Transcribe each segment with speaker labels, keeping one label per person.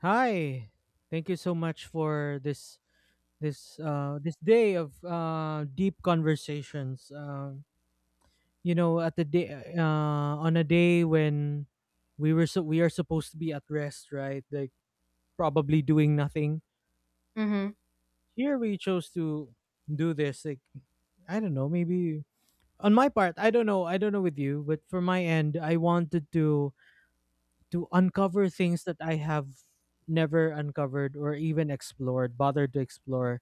Speaker 1: Hi. Thank you so much for this day of deep conversations. You know at the day uh on a day when we were so we are supposed to be at rest, right? Like probably doing nothing.
Speaker 2: Mm-hmm.
Speaker 1: Here we chose to do this, like, I don't know, maybe on my part, I don't know with you, but for my end, I wanted to uncover things that I have never uncovered or even explored, bothered to explore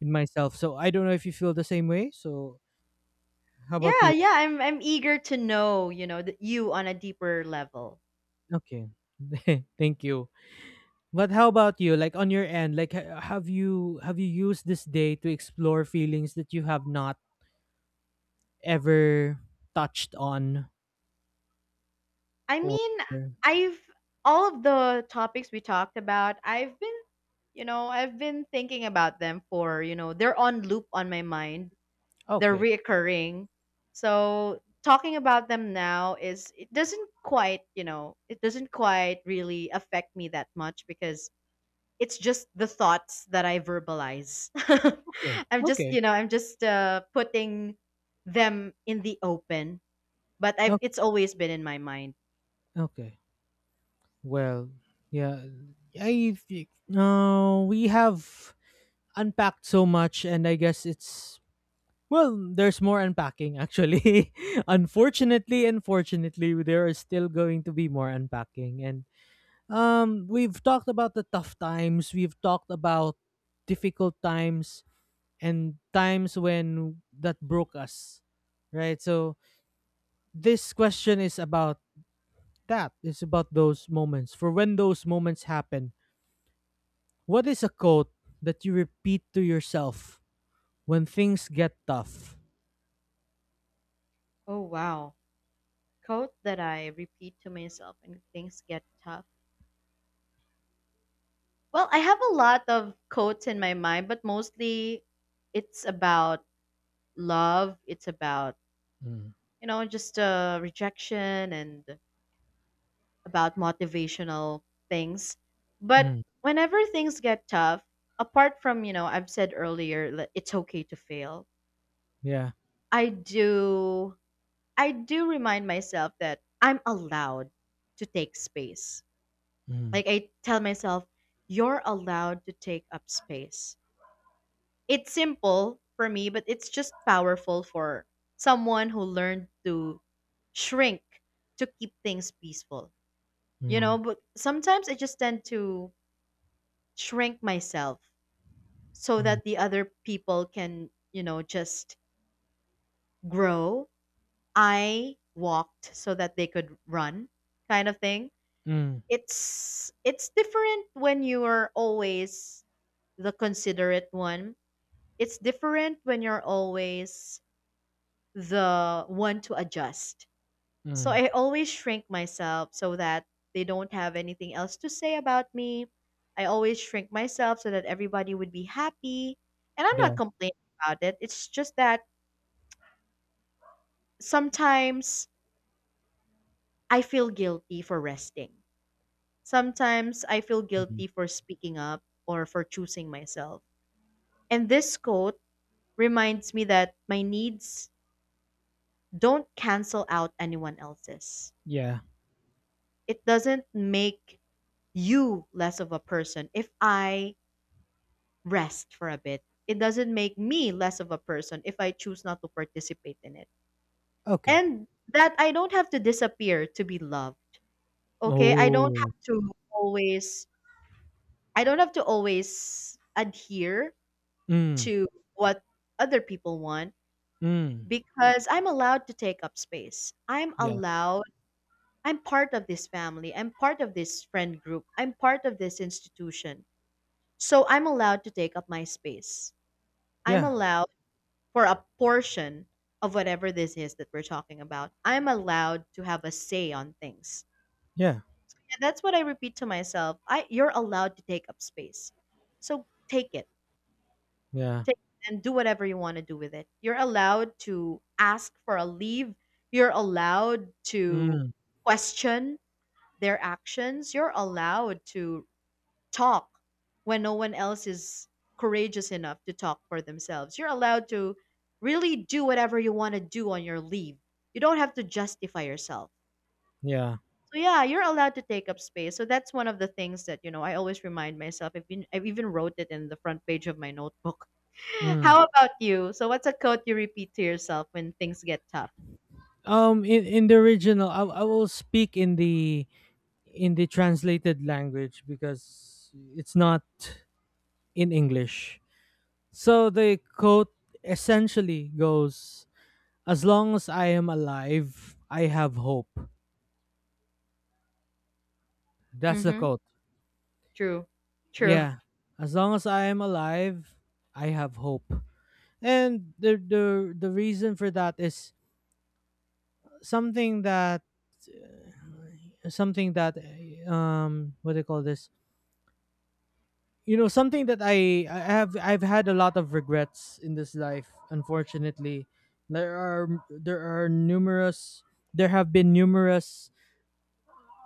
Speaker 1: in myself. So I don't know if you feel the same way. So how about
Speaker 2: Yeah,
Speaker 1: you?
Speaker 2: yeah, I'm eager to know, that you on a deeper level.
Speaker 1: Okay. Thank you. But how about you? Like, on your end, like, have you used this day to explore feelings that you have not ever touched on
Speaker 2: I
Speaker 1: or.
Speaker 2: mean, I've all of the topics we talked about, I've been, I've been thinking about them for, they're on loop on my mind. They're
Speaker 1: Okay.
Speaker 2: reoccurring. So talking about them now is it doesn't quite, it doesn't quite really affect me that much because it's just the thoughts that I verbalize.
Speaker 1: Okay.
Speaker 2: I'm just,
Speaker 1: Okay.
Speaker 2: I'm just putting them in the open, but I've
Speaker 1: Okay.
Speaker 2: it's always been in my mind.
Speaker 1: Okay. Well, yeah, I think, no, we have unpacked so much and I guess it's, well, there's more unpacking actually. Unfortunately, there is still going to be more unpacking. And, we've talked about the tough times, we've talked about difficult times, and times when that broke us, right? So this question is about that. It's about those moments. For when those moments happen, what is a quote that you repeat to yourself when things get tough?
Speaker 2: Oh wow, quote that I repeat to myself when things get tough. Well, I have a lot of quotes in my mind, but mostly it's about love. It's about
Speaker 1: Mm.
Speaker 2: just rejection and about motivational things. But
Speaker 1: Mm.
Speaker 2: whenever things get tough, apart from, I've said earlier that it's okay to fail,
Speaker 1: Yeah.
Speaker 2: I do I do remind myself that I'm allowed to take space.
Speaker 1: Mm.
Speaker 2: Like I tell myself, you're allowed to take up space. It's simple for me, but it's just powerful for someone who learned to shrink to keep things peaceful. You know,
Speaker 1: Mm.
Speaker 2: but sometimes I just tend to shrink myself so
Speaker 1: Mm,
Speaker 2: that the other people can, just grow. I walked so that they could run kind of thing.
Speaker 1: mm,
Speaker 2: It's different when you are always the considerate one. It's different when you're always the one to adjust. So
Speaker 1: mm,
Speaker 2: I always shrink myself so that they don't have anything else to say about me. I always shrink myself so that everybody would be happy. And I'm
Speaker 1: yeah,
Speaker 2: not complaining about it. It's just that sometimes I feel guilty for resting. Sometimes I feel
Speaker 1: mhm,
Speaker 2: guilty for speaking up or for choosing myself. And this quote reminds me that my needs don't cancel out anyone else's.
Speaker 1: yeah,
Speaker 2: It doesn't make you less of a person if I rest for a bit. It doesn't make me less of a person if I choose not to participate in it.
Speaker 1: okay.
Speaker 2: And that I don't have to disappear to be loved. Okay?
Speaker 1: Oh,
Speaker 2: I don't have to always adhere
Speaker 1: mm,
Speaker 2: to what other people want
Speaker 1: mm,
Speaker 2: because I'm allowed to take up space.
Speaker 1: yeah,
Speaker 2: I'm part of this family. I'm part of this friend group. I'm part of this institution. So I'm allowed to take up my space. I'm
Speaker 1: yeah,
Speaker 2: allowed for a portion of whatever this is that we're talking about, I'm allowed to have a say on things.
Speaker 1: yeah,
Speaker 2: Yeah, that's what I repeat to myself. I You're allowed to take up space. So take it.
Speaker 1: yeah,
Speaker 2: Take it and do whatever you want to do with it. You're allowed to ask for a leave. You're allowed to
Speaker 1: mm,
Speaker 2: question their actions. You're allowed to talk when no one else is courageous enough to talk for themselves. You're allowed to really do whatever you want to do on your leave. You don't have to justify yourself.
Speaker 1: yeah,
Speaker 2: So yeah, you're allowed to take up space. So that's one of the things that I always remind myself. I've even wrote it in the front page of my notebook.
Speaker 1: mm.
Speaker 2: How about you? So what's a quote you repeat to yourself when things get tough?
Speaker 1: In the original, I will speak in the translated language because it's not in English. So the quote essentially goes, "As long as I am alive, I have hope." That's the
Speaker 2: Mm-hmm.
Speaker 1: quote.
Speaker 2: True. True.
Speaker 1: Yeah, as long as I am alive, I have hope. And the reason for that is something that something that, what do you call this? You know, something that I've had a lot of regrets in this life. Unfortunately, there are there are numerous there have been numerous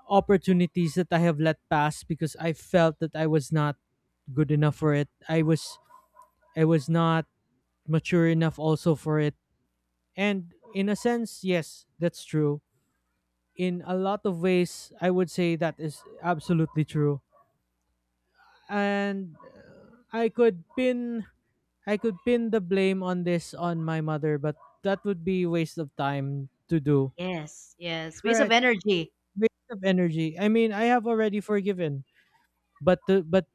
Speaker 1: opportunities that I have let pass because I felt that I was not good enough for it. I was not mature enough also for it. And in a sense, yes, that's true. In a lot of ways, I would say that is absolutely true. And, I could pin the blame on this on my mother, but that would be waste of time to do.
Speaker 2: Yes. Yes. Waste of
Speaker 1: Right.
Speaker 2: energy.
Speaker 1: Waste of energy. I mean, I have already forgiven, but to, but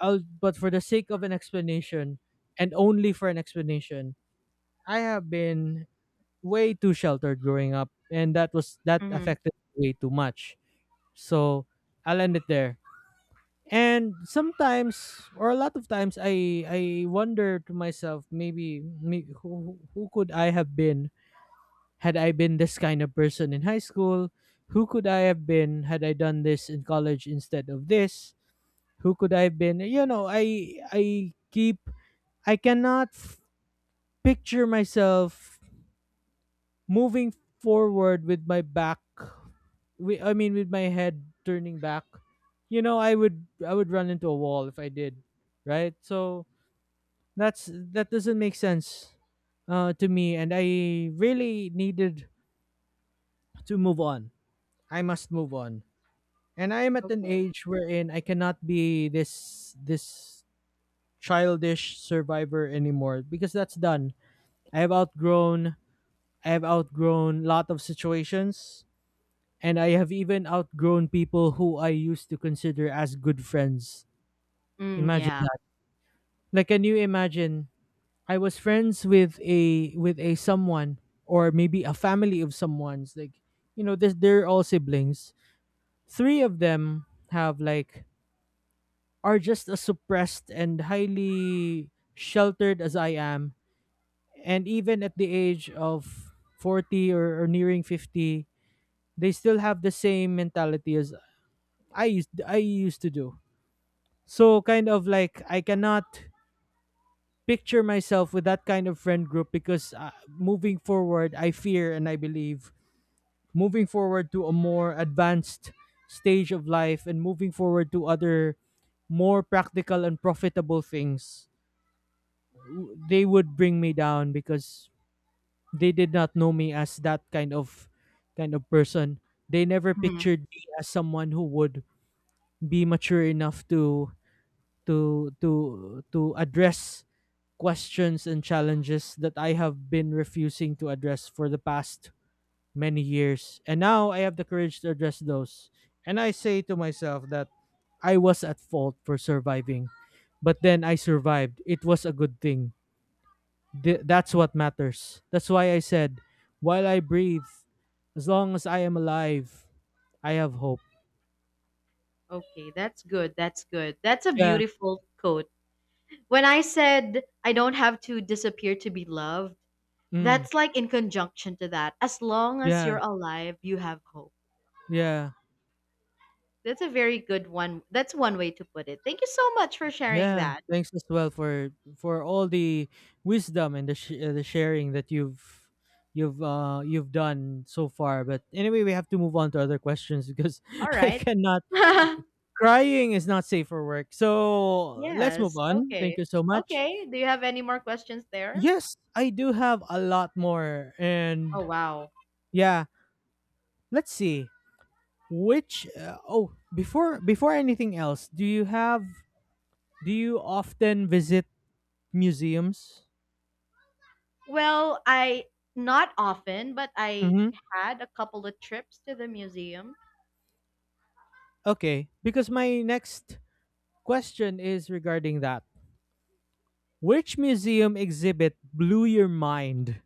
Speaker 1: I'll, but for the sake of an explanation, and only for an explanation, I have been way too sheltered growing up and that
Speaker 2: Mm-hmm.
Speaker 1: affected me way too much. So I'll end it there. And sometimes, or a lot of times, I wonder to myself, maybe, me, who could I have been had I been this kind of person in high school? Who could I have been had I done this in college instead of this? Who could I have been? You know, I cannot picture myself moving forward with my back, we I mean with my head turning back. You know, I would run into a wall if I did, right? So that doesn't make sense to me, and I really needed to move on. I must move on. And I am at an
Speaker 2: Okay.
Speaker 1: age wherein I cannot be this childish survivor anymore because that's done. I have outgrown I have outgrown lot of situations. And I have even outgrown people who I used to consider as good friends.
Speaker 2: Mm,
Speaker 1: Imagine
Speaker 2: yeah.
Speaker 1: that. Like, can you imagine, I was friends with a, someone, or maybe a family of someone's, like, you know, this they're all siblings. Three of them have, like, are just as suppressed and highly sheltered as I am. And even at the age of 40, or nearing 50, they still have the same mentality as I used to do. So kind of like I cannot picture myself with that kind of friend group because, moving forward, I fear and I believe moving forward to a more advanced stage of life, and moving forward to other more practical and profitable things, they would bring me down because they did not know me as that kind of person. They never
Speaker 2: Mhm.
Speaker 1: pictured me as someone who would be mature enough to address questions and challenges that I have been refusing to address for the past many years. And now I have the courage to address those. And I say to myself that I was at fault for surviving, but then I survived. It was a good thing. That's what matters. That's why I said, while I breathe, as long as I am alive, I have hope.
Speaker 2: Okay, that's good. That's good. That's a
Speaker 1: Yeah.
Speaker 2: beautiful quote. When I said I don't have to disappear to be loved,
Speaker 1: Mm,
Speaker 2: that's like in conjunction to that. As long as
Speaker 1: yeah.
Speaker 2: you're alive, you have hope.
Speaker 1: Yeah.
Speaker 2: That's a very good one. That's one way to put it. Thank you so much for sharing
Speaker 1: Yeah,
Speaker 2: that.
Speaker 1: thanks as well for all the wisdom and the sharing that you've done so far. But anyway, we have to move on to other questions because
Speaker 2: All
Speaker 1: I
Speaker 2: right.
Speaker 1: cannot crying is not safe for work. So, let's move
Speaker 2: Yes.
Speaker 1: on. Thank
Speaker 2: Okay.
Speaker 1: you so much.
Speaker 2: Okay. Do you have any more questions there?
Speaker 1: Yes, I do have a lot more, and,
Speaker 2: Oh wow.
Speaker 1: yeah, let's see. Before anything else, do you have, do you often visit museums?
Speaker 2: Well, I not often, but I
Speaker 1: Mm-hmm.
Speaker 2: had a couple of trips to the museum,
Speaker 1: Okay, because my next question is regarding that. Which museum exhibit blew your mind?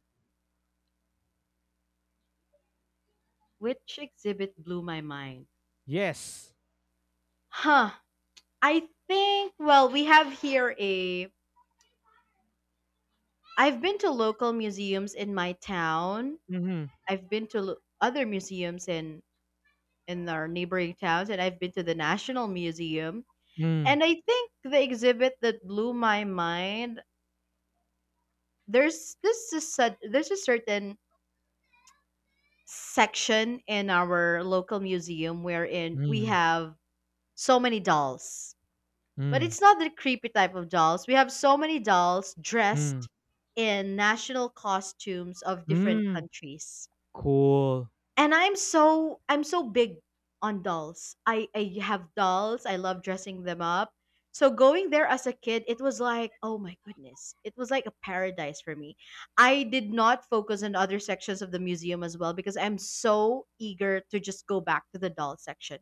Speaker 2: which exhibit blew my mind.
Speaker 1: Yes.
Speaker 2: Huh. I think, well, we have here a. I've been to local museums in my town.
Speaker 1: Mm-hmm.
Speaker 2: I've been to other museums in our neighboring towns, and I've been to the National Museum.
Speaker 1: Mm,
Speaker 2: And I think the exhibit that blew my mind. There's a certain section in our local museum wherein we
Speaker 1: mm,
Speaker 2: have so many dolls. But
Speaker 1: mm,
Speaker 2: it's not the creepy type of dolls. We have so many dolls
Speaker 1: mm,
Speaker 2: dressed in national costumes of different
Speaker 1: mm.
Speaker 2: countries.
Speaker 1: Cool.
Speaker 2: And I'm so big on dolls. I have dolls. I love dressing them up. So going there as a kid, it was like, oh my goodness. It was like a paradise for me. I did not focus on other sections of the museum as well because I'm so eager to just go back to the doll section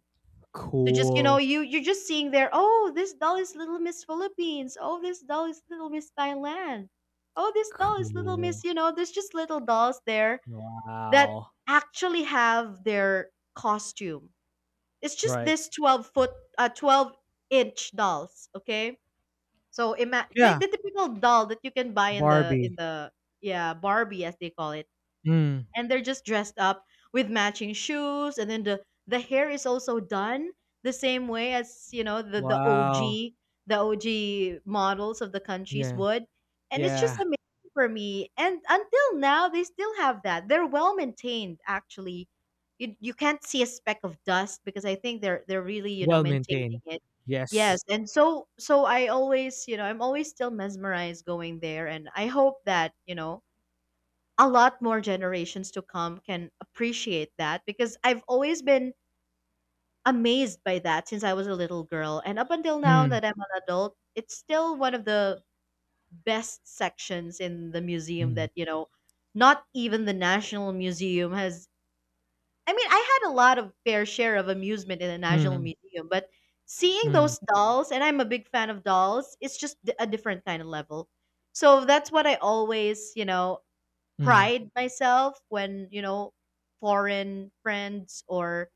Speaker 2: to just
Speaker 1: Cool.
Speaker 2: you're just seeing there. Oh, this doll is Little Miss Philippines. Oh, this doll is Little Miss Thailand. Oh, this doll is Little Miss,
Speaker 1: Cool.
Speaker 2: there's just little dolls there that
Speaker 1: Wow.
Speaker 2: actually have their costume. It's just
Speaker 1: Right.
Speaker 2: this 12 foot 12-inch dolls, okay? So like
Speaker 1: Yeah.
Speaker 2: the typical doll that you can buy in the
Speaker 1: Barbie.
Speaker 2: yeah, Barbie, as they call it.
Speaker 1: Mm.
Speaker 2: And they're just dressed up with matching shoes, and then the hair is also done the same way as, the
Speaker 1: Wow.
Speaker 2: OG, the OG models of the countries
Speaker 1: Yeah.
Speaker 2: would. And it's just
Speaker 1: Yeah.
Speaker 2: amazing for me, and until now they still have that. They're well maintained, actually. You can't see a speck of dust because I think they're really,
Speaker 1: Well
Speaker 2: maintaining
Speaker 1: maintained.
Speaker 2: it. Yes.
Speaker 1: Yes.
Speaker 2: And so I always, I'm always still mesmerized going there. And I hope that, a lot more generations to come can appreciate that because I've always been amazed by that since I was a little girl. And up until now
Speaker 1: Mm,
Speaker 2: that I'm an adult, it's still one of the best sections in the museum
Speaker 1: mm,
Speaker 2: that, not even the National Museum has. I mean, I had a lot of fair share of amusement in the National
Speaker 1: mm,
Speaker 2: Museum, but seeing
Speaker 1: mm,
Speaker 2: those dolls, and I'm a big fan of dolls, it's just a different kind of level. So that's what I always,
Speaker 1: mm,
Speaker 2: pride myself when foreign friends or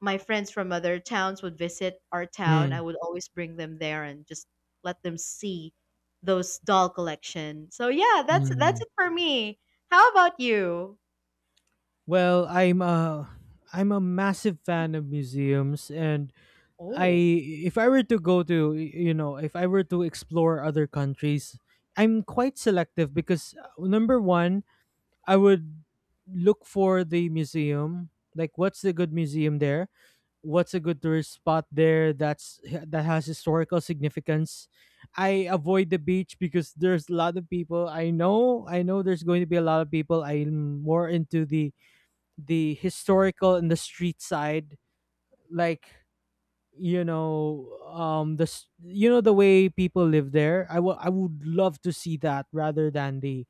Speaker 2: my friends from other towns would visit our town. I
Speaker 1: mm,
Speaker 2: would always bring them there and just let them see those doll collection. So yeah, that's
Speaker 1: mm.
Speaker 2: it for me. How about you?
Speaker 1: Well, I'm a massive fan of museums, and I
Speaker 2: Oh,
Speaker 1: if I were to go to, if I were to explore other countries, I'm quite selective because, number 1, I would look for the museum, like, what's the good museum there? What's a good tourist spot there that has historical significance? I avoid the beach because there's a lot of people. I know there's going to be a lot of people. I'm more into the historical and the street side, like, you know the s- you know the way people live there. I would love to see that rather than the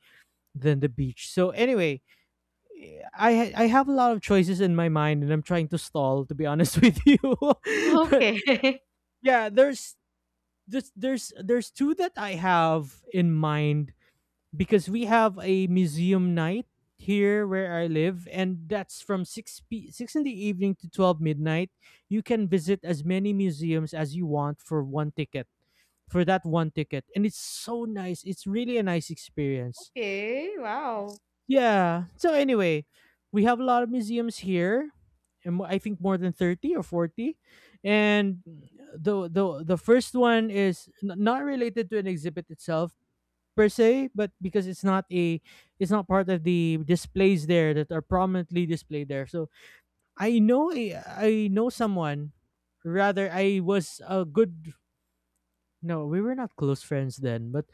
Speaker 1: than the beach. So anyway, I have a lot of choices in my mind and I'm trying to stall, to be honest, with you but,
Speaker 2: okay.
Speaker 1: yeah, there's two that I have in mind, because we have a museum night here where I live, and that's from 6 in the evening to 12 midnight. You can visit as many museums as you want for one ticket. For that one ticket. And it's so nice. It's really a nice experience.
Speaker 2: Okay, wow.
Speaker 1: Yeah. So anyway, we have a lot of museums here. And I think more than 30 or 40. And the first one is, not related to an exhibit itself per se, but because it's not a it's not part of the displays there that are prominently displayed there. So I know someone. Rather, I was a good. No, we were not close friends then. But,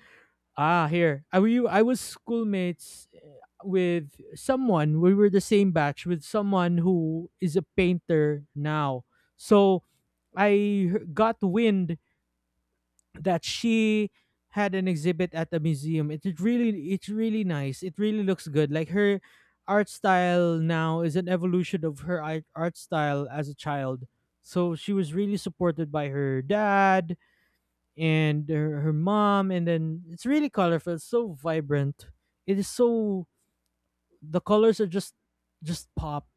Speaker 1: ah, here I we I was schoolmates, with someone. We were the same batch with someone who is a painter now. So I got wind that she had an exhibit at the museum. It's really nice. It really looks good. Like, her art style now is an evolution of her art style as a child. So she was really supported by her dad and her mom, and then it's really colorful, it's so vibrant. It is so The colors are just pop,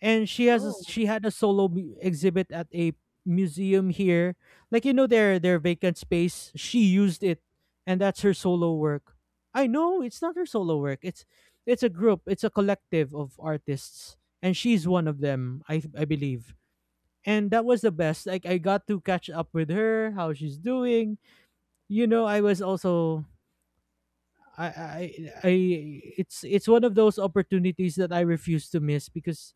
Speaker 1: and
Speaker 2: Oh,
Speaker 1: she had a solo exhibit at a museum here, like, you know, their vacant space she used it, and that's her solo work. I know it's not her solo work. It's a collective of artists, and she's one of them, I believe. And that was the best. Like, I got to catch up with her, how she's doing, you know. I was also I It's one of those opportunities that I refuse to miss because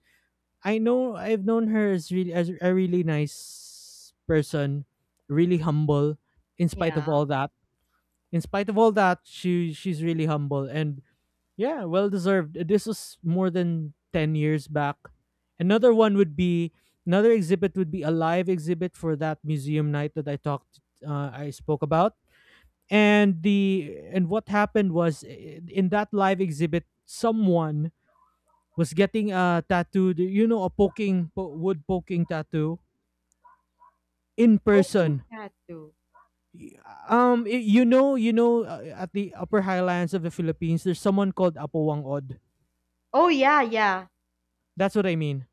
Speaker 1: I've known her as really, as a really nice person, really humble. In spite of
Speaker 2: yeah.
Speaker 1: all that, in spite of all that, she's really humble and, yeah, well deserved. This was more than 10 years back. Another one would be Another exhibit would be a live exhibit for that museum night that I spoke about. And the and what happened was, in that live exhibit, someone was getting a tattoo, you know, a poking wood poking tattoo in
Speaker 2: Poking
Speaker 1: person.
Speaker 2: cat too.
Speaker 1: Y- at the Upper Highlands of the Philippines, there's someone called Apowangod.
Speaker 2: Oh, yeah, yeah.
Speaker 1: That's what I mean.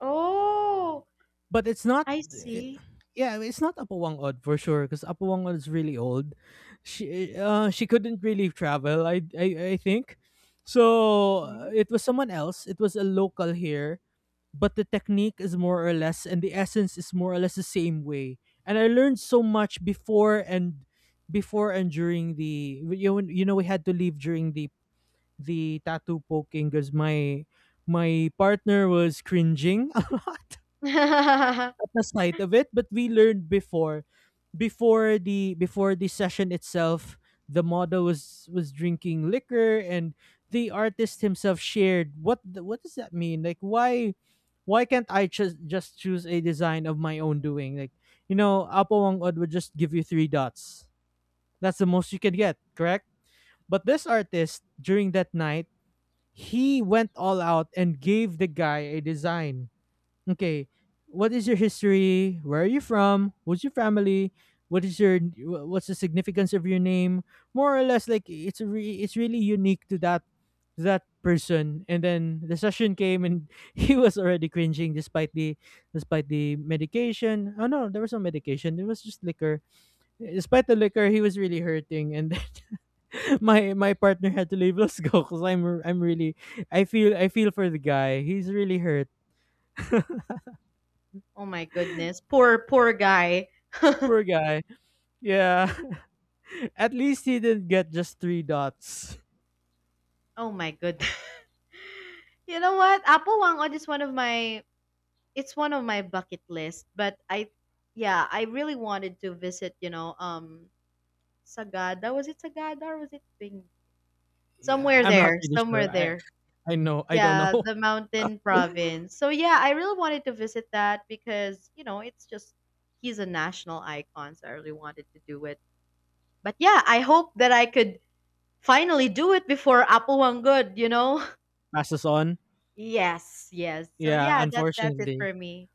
Speaker 2: Oh,
Speaker 1: But it's not.
Speaker 2: I see.
Speaker 1: Yeah, it's not Apowangod for sure because Apowangod is really old. She couldn't really travel. I think. So
Speaker 2: Mhm.
Speaker 1: it was someone else. It was a local here, but the technique is more or less, and the essence is more or less the same way, and I learned so much before and during the you know we had to leave during the tattoo poking because my partner was cringing a lot at the sight of it, but we learned before the session itself. The model was drinking liquor, and the artist himself shared what does that mean? Like why can't I just choose a design of my own doing? Like apo wangod would just give you three dots. That's the most you can get, correct? But this artist, during that night, he went all out and gave the guy a design. Okay. What is your history? Where are you from? Who's your family? What's the significance of your name? More or less, like it's a it's really unique to that person. And then the session came, and he was already cringing despite the medication. Oh no, there was no medication. It was just liquor. Despite the liquor, he was really hurting, and then my partner had to leave. Let's go, cuz I'm really, I feel for the guy. He's really hurt.
Speaker 2: Oh my goodness, poor poor guy.
Speaker 1: Poor guy. Yeah. At least he didn't get just three dots.
Speaker 2: Oh my goodness. You know what? Apolongo is one of my, it's one of my bucket list, but I yeah, I really wanted to visit, Sagada. Was it Sagada or was it Bing?
Speaker 1: Yeah,
Speaker 2: Somewhere
Speaker 1: I'm not
Speaker 2: there,
Speaker 1: really
Speaker 2: somewhere
Speaker 1: sure. I
Speaker 2: there.
Speaker 1: I know. I don't know.
Speaker 2: Yeah, the mountain province. So yeah, I really wanted to visit that because, it's just he's a national icon, so I really wanted to do it. But yeah, I hope that I could finally do it before Apolongo.
Speaker 1: Passes on.
Speaker 2: Yes, yes. So
Speaker 1: Yeah,
Speaker 2: yeah, that's it
Speaker 1: unfortunately.
Speaker 2: for me.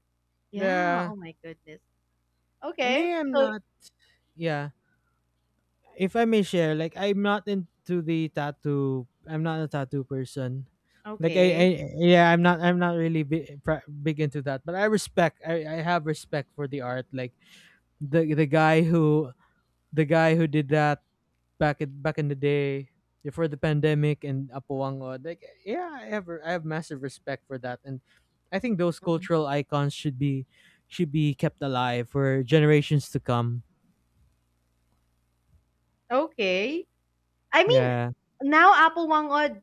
Speaker 2: Yeah,
Speaker 1: Yeah,
Speaker 2: oh my goodness. Okay.
Speaker 1: me I'm
Speaker 2: So
Speaker 1: not. Yeah, if I may share, like I'm not into the tattoo. I'm not a tattoo person. Like I
Speaker 2: okay.
Speaker 1: yeah, I'm not. I'm not really big into that. But I respect. I have respect for the art. Like the guy who did that back in the day, before the pandemic and Apowango. Like yeah, I have massive respect for that, and I think those
Speaker 2: Mhm.
Speaker 1: cultural icons should be kept alive for generations to come.
Speaker 2: Okay. I mean,
Speaker 1: Yeah,
Speaker 2: now Apple Wangod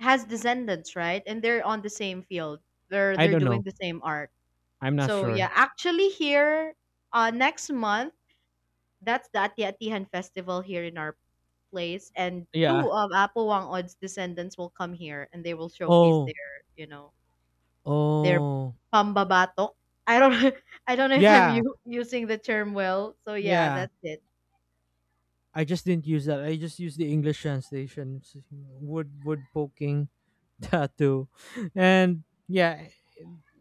Speaker 2: has descendants, right? And they're on the same field. They're
Speaker 1: I
Speaker 2: they're
Speaker 1: don't
Speaker 2: doing
Speaker 1: know.
Speaker 2: the same art.
Speaker 1: I'm not
Speaker 2: So yeah,
Speaker 1: sure.
Speaker 2: actually here next month, that's the Ati-Atihan festival here in our place, and
Speaker 1: Yeah.
Speaker 2: two of Apple Wangod's descendants will come here and they will showcase
Speaker 1: Oh.
Speaker 2: their, you know, they're
Speaker 1: Oh.
Speaker 2: pambabatok. I don't I don't know if I'm
Speaker 1: Yeah.
Speaker 2: using the term well. So yeah,
Speaker 1: Yeah.
Speaker 2: that's it.
Speaker 1: I just didn't use that. I just used the English translation. Wood poking. Tattoo. And yeah,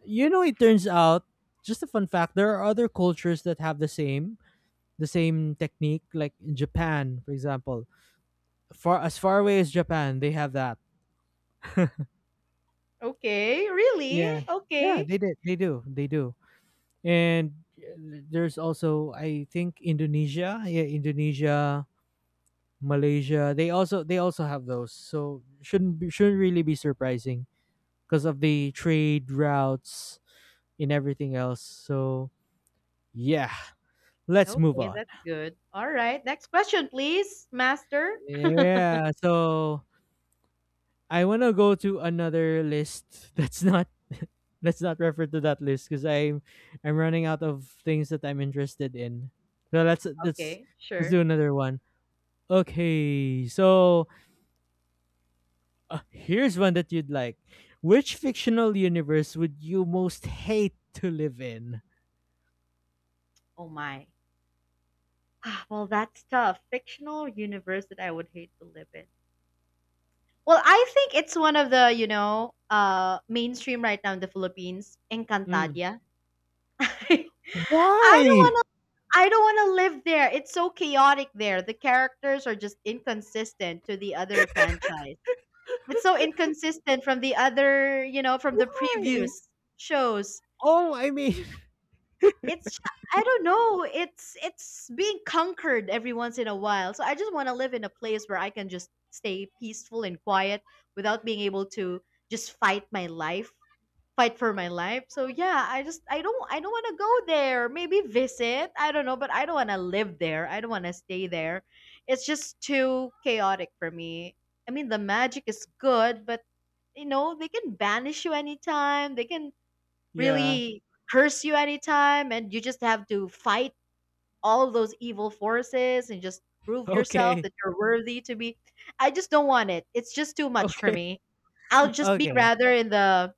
Speaker 1: it turns out, just a fun fact, there are other cultures that have the same technique, like in Japan, for example. Far As far away as Japan, they have that.
Speaker 2: Okay, really?
Speaker 1: Yeah, yeah,
Speaker 2: Okay.
Speaker 1: they did. They do. They do. And there's also, I think, Indonesia. Yeah, Indonesia, Malaysia. They also have those. So shouldn't really be surprising because of the trade routes and everything else. So yeah, let's move
Speaker 2: Okay,
Speaker 1: on.
Speaker 2: that's good. All right. Next question, please, master.
Speaker 1: Yeah, so I want to go to another list that's not let's not refer to that list, cuz I'm running out of things that I'm interested in. So let's let's
Speaker 2: Okay,
Speaker 1: let's
Speaker 2: sure.
Speaker 1: do another one. Okay, so here's one that you'd like. Which fictional universe would you most hate to live in?
Speaker 2: Oh my. Well, that's tough. Fictional universe that I would hate to live in. Well, I think it's one of the, mainstream right now in the Philippines,
Speaker 1: Mm.
Speaker 2: Encantadia. I don't
Speaker 1: Why?
Speaker 2: want to I don't want to live there. It's so chaotic there. The characters are just inconsistent to the other franchise. It's so inconsistent from the other, from the
Speaker 1: Why?
Speaker 2: previous shows.
Speaker 1: Oh, I mean.
Speaker 2: It's I don't know. It's being conquered every once in a while. So I just want to live in a place where I can just stay peaceful and quiet without being able to just fight my life, fight for my life. So yeah, I don't want to go there. Maybe visit. I don't know, but I don't want to live there. I don't want to stay there. It's just too chaotic for me. I mean, the magic is good, but they can banish you anytime. They can
Speaker 1: Yeah.
Speaker 2: really curse you anytime, and you just have to fight all those evil forces and just prove yourself
Speaker 1: Okay.
Speaker 2: that you're worthy to be. I just don't want it. It's just too much for
Speaker 1: Okay.
Speaker 2: me. I'll just be
Speaker 1: Okay.
Speaker 2: rather in the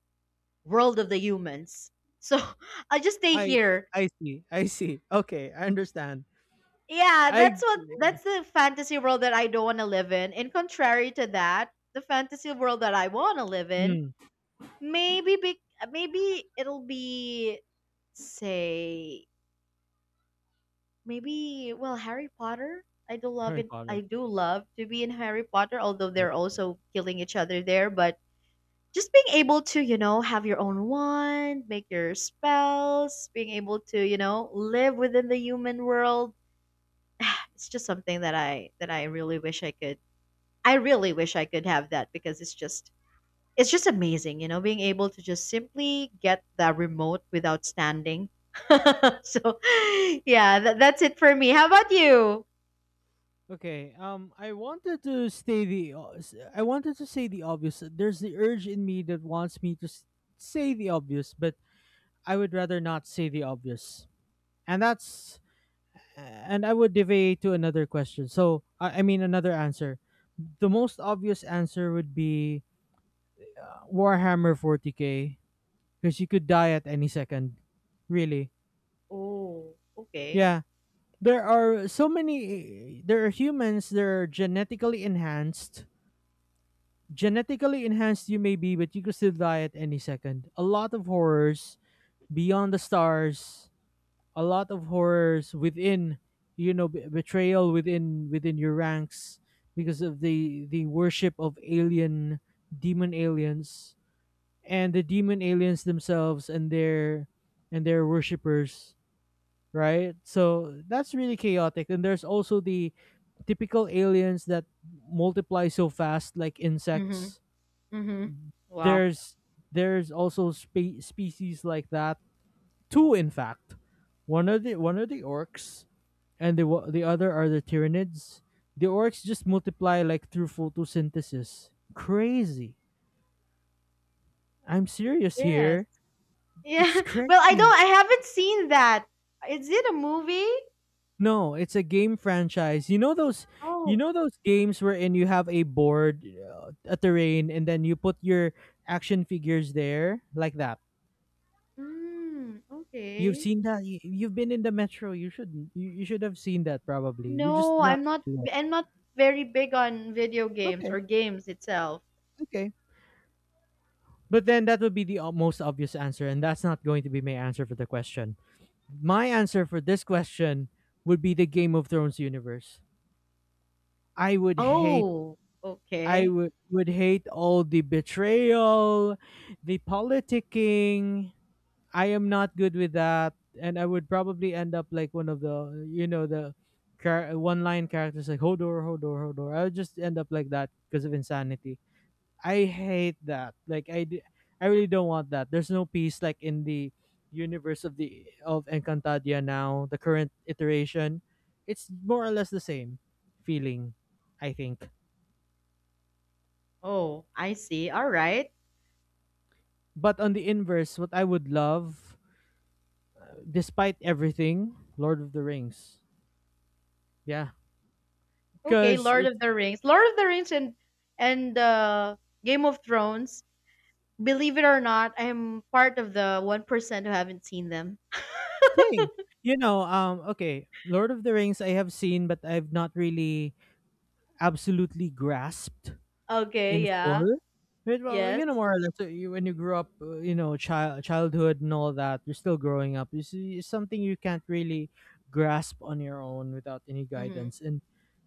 Speaker 2: world of the humans. So I'll just stay
Speaker 1: I
Speaker 2: here.
Speaker 1: I see. I see. Okay, I understand.
Speaker 2: Yeah,
Speaker 1: I
Speaker 2: that's the fantasy world that I don't want to live in. And contrary to that, the fantasy world that I want to live in,
Speaker 1: Mm.
Speaker 2: maybe be, maybe it'll be say maybe, well, Harry Potter. I do love
Speaker 1: Harry
Speaker 2: it.
Speaker 1: Potter.
Speaker 2: I do love to be in Harry Potter, although they're also killing each other there. But just being able to, have your own wand, make your spells, being able to, live within the human world. It's just something that I really wish I could. I really wish I could have that because it's just amazing, being able to just simply get the remote without standing. So, yeah, that's it for me. How about you?
Speaker 1: Okay. I wanted to say the obvious. There's the urge in me that wants me to say the obvious, but I would rather not say the obvious, and that's. And I would deviate to another question. So I mean, another answer. The most obvious answer would be Warhammer 40K, because you could die at any second. Really?
Speaker 2: Oh, okay.
Speaker 1: Yeah. There are so many. There are humans. They're genetically enhanced. Genetically enhanced you may be, but you could still die at any second. A lot of horrors beyond the stars, a lot of horrors within, you know, betrayal within your ranks, because of the worship of alien demon aliens, and the demon aliens themselves, and their worshippers, right? So that's really chaotic. And there's also the typical aliens that multiply so fast, like
Speaker 2: Mhm,
Speaker 1: insects.
Speaker 2: mhm. Wow.
Speaker 1: There's there's also species like that. Two, in fact, one are the orcs, and the other are the Tyranids. The orcs just multiply like through photosynthesis. Crazy. I'm serious
Speaker 2: Yes.
Speaker 1: here.
Speaker 2: Yeah.
Speaker 1: It's
Speaker 2: Well,
Speaker 1: crazy.
Speaker 2: I haven't seen that. Is it a movie?
Speaker 1: No, it's a game franchise. You know those you
Speaker 2: Oh,
Speaker 1: know those games wherein you have a board, a terrain, and then you put your action figures there, like that.
Speaker 2: mm,
Speaker 1: You've
Speaker 2: okay.
Speaker 1: seen that. You've been in the metro. You should have seen that probably. You're just
Speaker 2: No,
Speaker 1: not familiar.
Speaker 2: I'm not very big on video games
Speaker 1: Okay,
Speaker 2: or games itself.
Speaker 1: okay. But then, that would be the most obvious answer, and that's not going to be my answer for the question. My answer for this question would be the Game of Thrones universe. I would hate.
Speaker 2: Oh,
Speaker 1: I
Speaker 2: okay.
Speaker 1: would would hate all the betrayal, the politicking. I am not good with that, and I would probably end up like one of the you know the one line characters like Hodor, Hodor, Hodor. I would just end up like that because of insanity. I hate that. Like I really don't want that. There's no peace, like in the universe of Encantadia now. The current iteration, it's more or less the same feeling, I think.
Speaker 2: Oh, I see. All right.
Speaker 1: But on the inverse, what I would love, despite everything, Lord of the Rings. Yeah,
Speaker 2: Okay,
Speaker 1: because
Speaker 2: Lord of the Rings. Lord of the Rings and and uh, Game of Thrones. Believe it or not, I am part of the 1% who haven't seen them.
Speaker 1: same. You know, okay, Lord of the Rings I have seen, but I've not really absolutely grasped
Speaker 2: Okay,
Speaker 1: in
Speaker 2: yeah.
Speaker 1: full. But, well, you know,
Speaker 2: Yes.
Speaker 1: more or less, you, when you grow up, you know, childhood and all that, you're still growing up. It's something you can't really grasp on your own without any
Speaker 2: Mm-hmm.
Speaker 1: guidance. And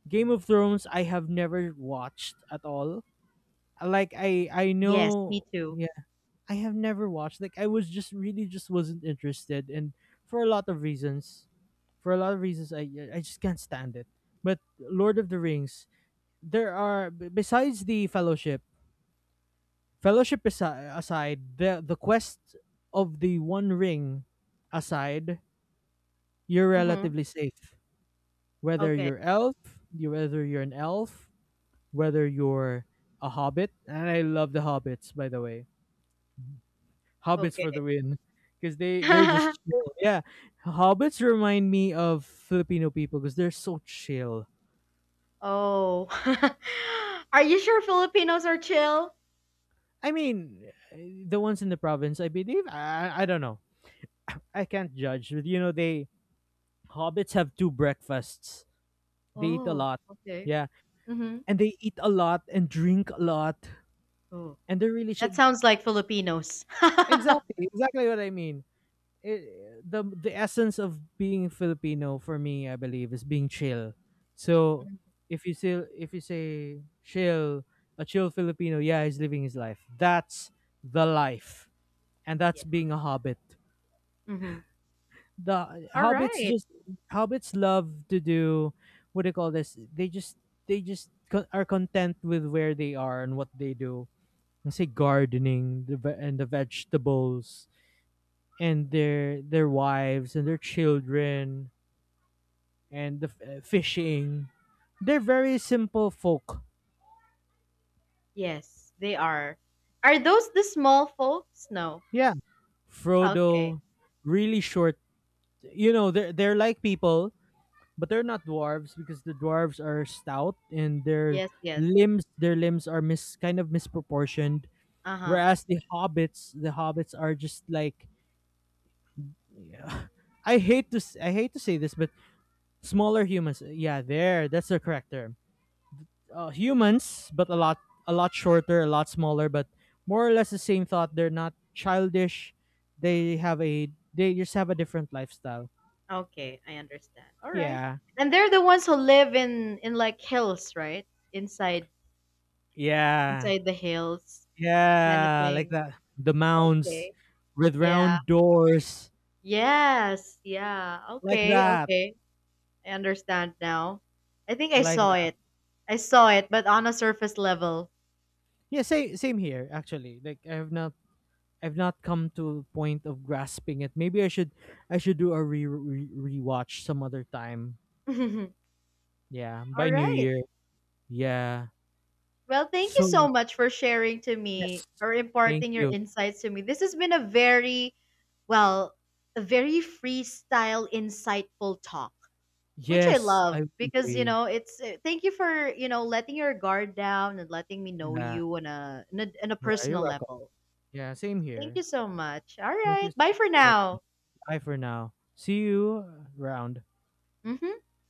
Speaker 1: Game of Thrones, I have never watched at all. Like I
Speaker 2: Yes, me
Speaker 1: know.
Speaker 2: too.
Speaker 1: Yeah, I have never watched. Like I was just really just wasn't interested, and for a lot of reasons, for a lot of reasons, I yeah, I just can't stand it. But Lord of the Rings, besides the Fellowship aside, the quest of the One Ring aside, you're
Speaker 2: Mm-hmm.
Speaker 1: relatively safe. Whether
Speaker 2: Okay.
Speaker 1: you're elf, Whether you're an elf, whether you're a hobbit, and I love the hobbits, by the way. Hobbits for
Speaker 2: Okay.
Speaker 1: the win, because they're just chill. Yeah, hobbits remind me of Filipino people because they're so chill.
Speaker 2: Oh. Are you sure Filipinos are chill?
Speaker 1: I mean, the ones in the province, I believe. I don't know. I can't judge, but you know, they hobbits have two breakfasts. They eat a
Speaker 2: Oh,
Speaker 1: lot.
Speaker 2: okay.
Speaker 1: Yeah,
Speaker 2: Mm-hmm.
Speaker 1: and they eat a lot and drink a lot,
Speaker 2: Oh,
Speaker 1: and they're really
Speaker 2: that
Speaker 1: chill.
Speaker 2: sounds like Filipinos.
Speaker 1: Exactly, exactly what I mean. It, the essence of being Filipino, for me, I believe, is being chill. So
Speaker 2: Mhm.
Speaker 1: if you say chill, a chill Filipino, yeah, he's living his life. That's the life, and that's
Speaker 2: Yeah.
Speaker 1: being a hobbit.
Speaker 2: Mm-hmm.
Speaker 1: The
Speaker 2: All
Speaker 1: hobbits
Speaker 2: right.
Speaker 1: just hobbits love to do, what do you call this? They just are content with where they are and what they do. Let's say gardening and the vegetables, and their wives and their children, and the fishing. They're very simple folk.
Speaker 2: Yes, they are. Are those the small folks? No.
Speaker 1: Yeah.
Speaker 2: Okay.
Speaker 1: Frodo, really short. You know, they're like people, but they're not dwarves, because the dwarves are stout and their
Speaker 2: Yes, yes.
Speaker 1: limbs their limbs are mis kind of misproportioned.
Speaker 2: Uh-huh.
Speaker 1: Whereas the hobbits are just like, yeah, I hate to say this, but smaller humans. Yeah, there, that's the correct term, humans, but a lot shorter, a lot smaller, but more or less the same thought. They're not childish. They just have a different lifestyle.
Speaker 2: Okay, I understand. All right.
Speaker 1: Yeah.
Speaker 2: And they're the ones who live in like hills, right? Inside
Speaker 1: Yeah.
Speaker 2: Inside the hills kind of
Speaker 1: Yeah, like
Speaker 2: thing.
Speaker 1: that. The mounds
Speaker 2: Okay.
Speaker 1: with
Speaker 2: Yeah.
Speaker 1: round doors.
Speaker 2: Yes. Yeah.
Speaker 1: Like
Speaker 2: Okay.
Speaker 1: that.
Speaker 2: Okay. I understand now. I think I
Speaker 1: Like
Speaker 2: saw
Speaker 1: that.
Speaker 2: it. I saw it, but on a surface level.
Speaker 1: Yeah, same here actually. Like I've not come to a point of grasping it. Maybe I should do a re, re rewatch some other time.
Speaker 2: All
Speaker 1: Yeah, by New
Speaker 2: right.
Speaker 1: Year. Yeah.
Speaker 2: Well, thank you so
Speaker 1: So
Speaker 2: much for sharing to
Speaker 1: yes.
Speaker 2: me or
Speaker 1: Thank
Speaker 2: imparting your
Speaker 1: you.
Speaker 2: insights to me. This has been a very, well, a very freestyle, insightful talk, which I
Speaker 1: Yes, I
Speaker 2: love
Speaker 1: would
Speaker 2: because
Speaker 1: agree.
Speaker 2: it's thank you for letting your guard down and letting me know
Speaker 1: Yeah.
Speaker 2: you on a on a
Speaker 1: Yeah, you're
Speaker 2: personal
Speaker 1: welcome.
Speaker 2: level.
Speaker 1: Yeah, same
Speaker 2: Thank
Speaker 1: here.
Speaker 2: you so much. All
Speaker 1: Thank you
Speaker 2: right,
Speaker 1: so
Speaker 2: bye
Speaker 1: much
Speaker 2: for
Speaker 1: for it.
Speaker 2: now.
Speaker 1: Bye for now. See you around.
Speaker 2: Mhm.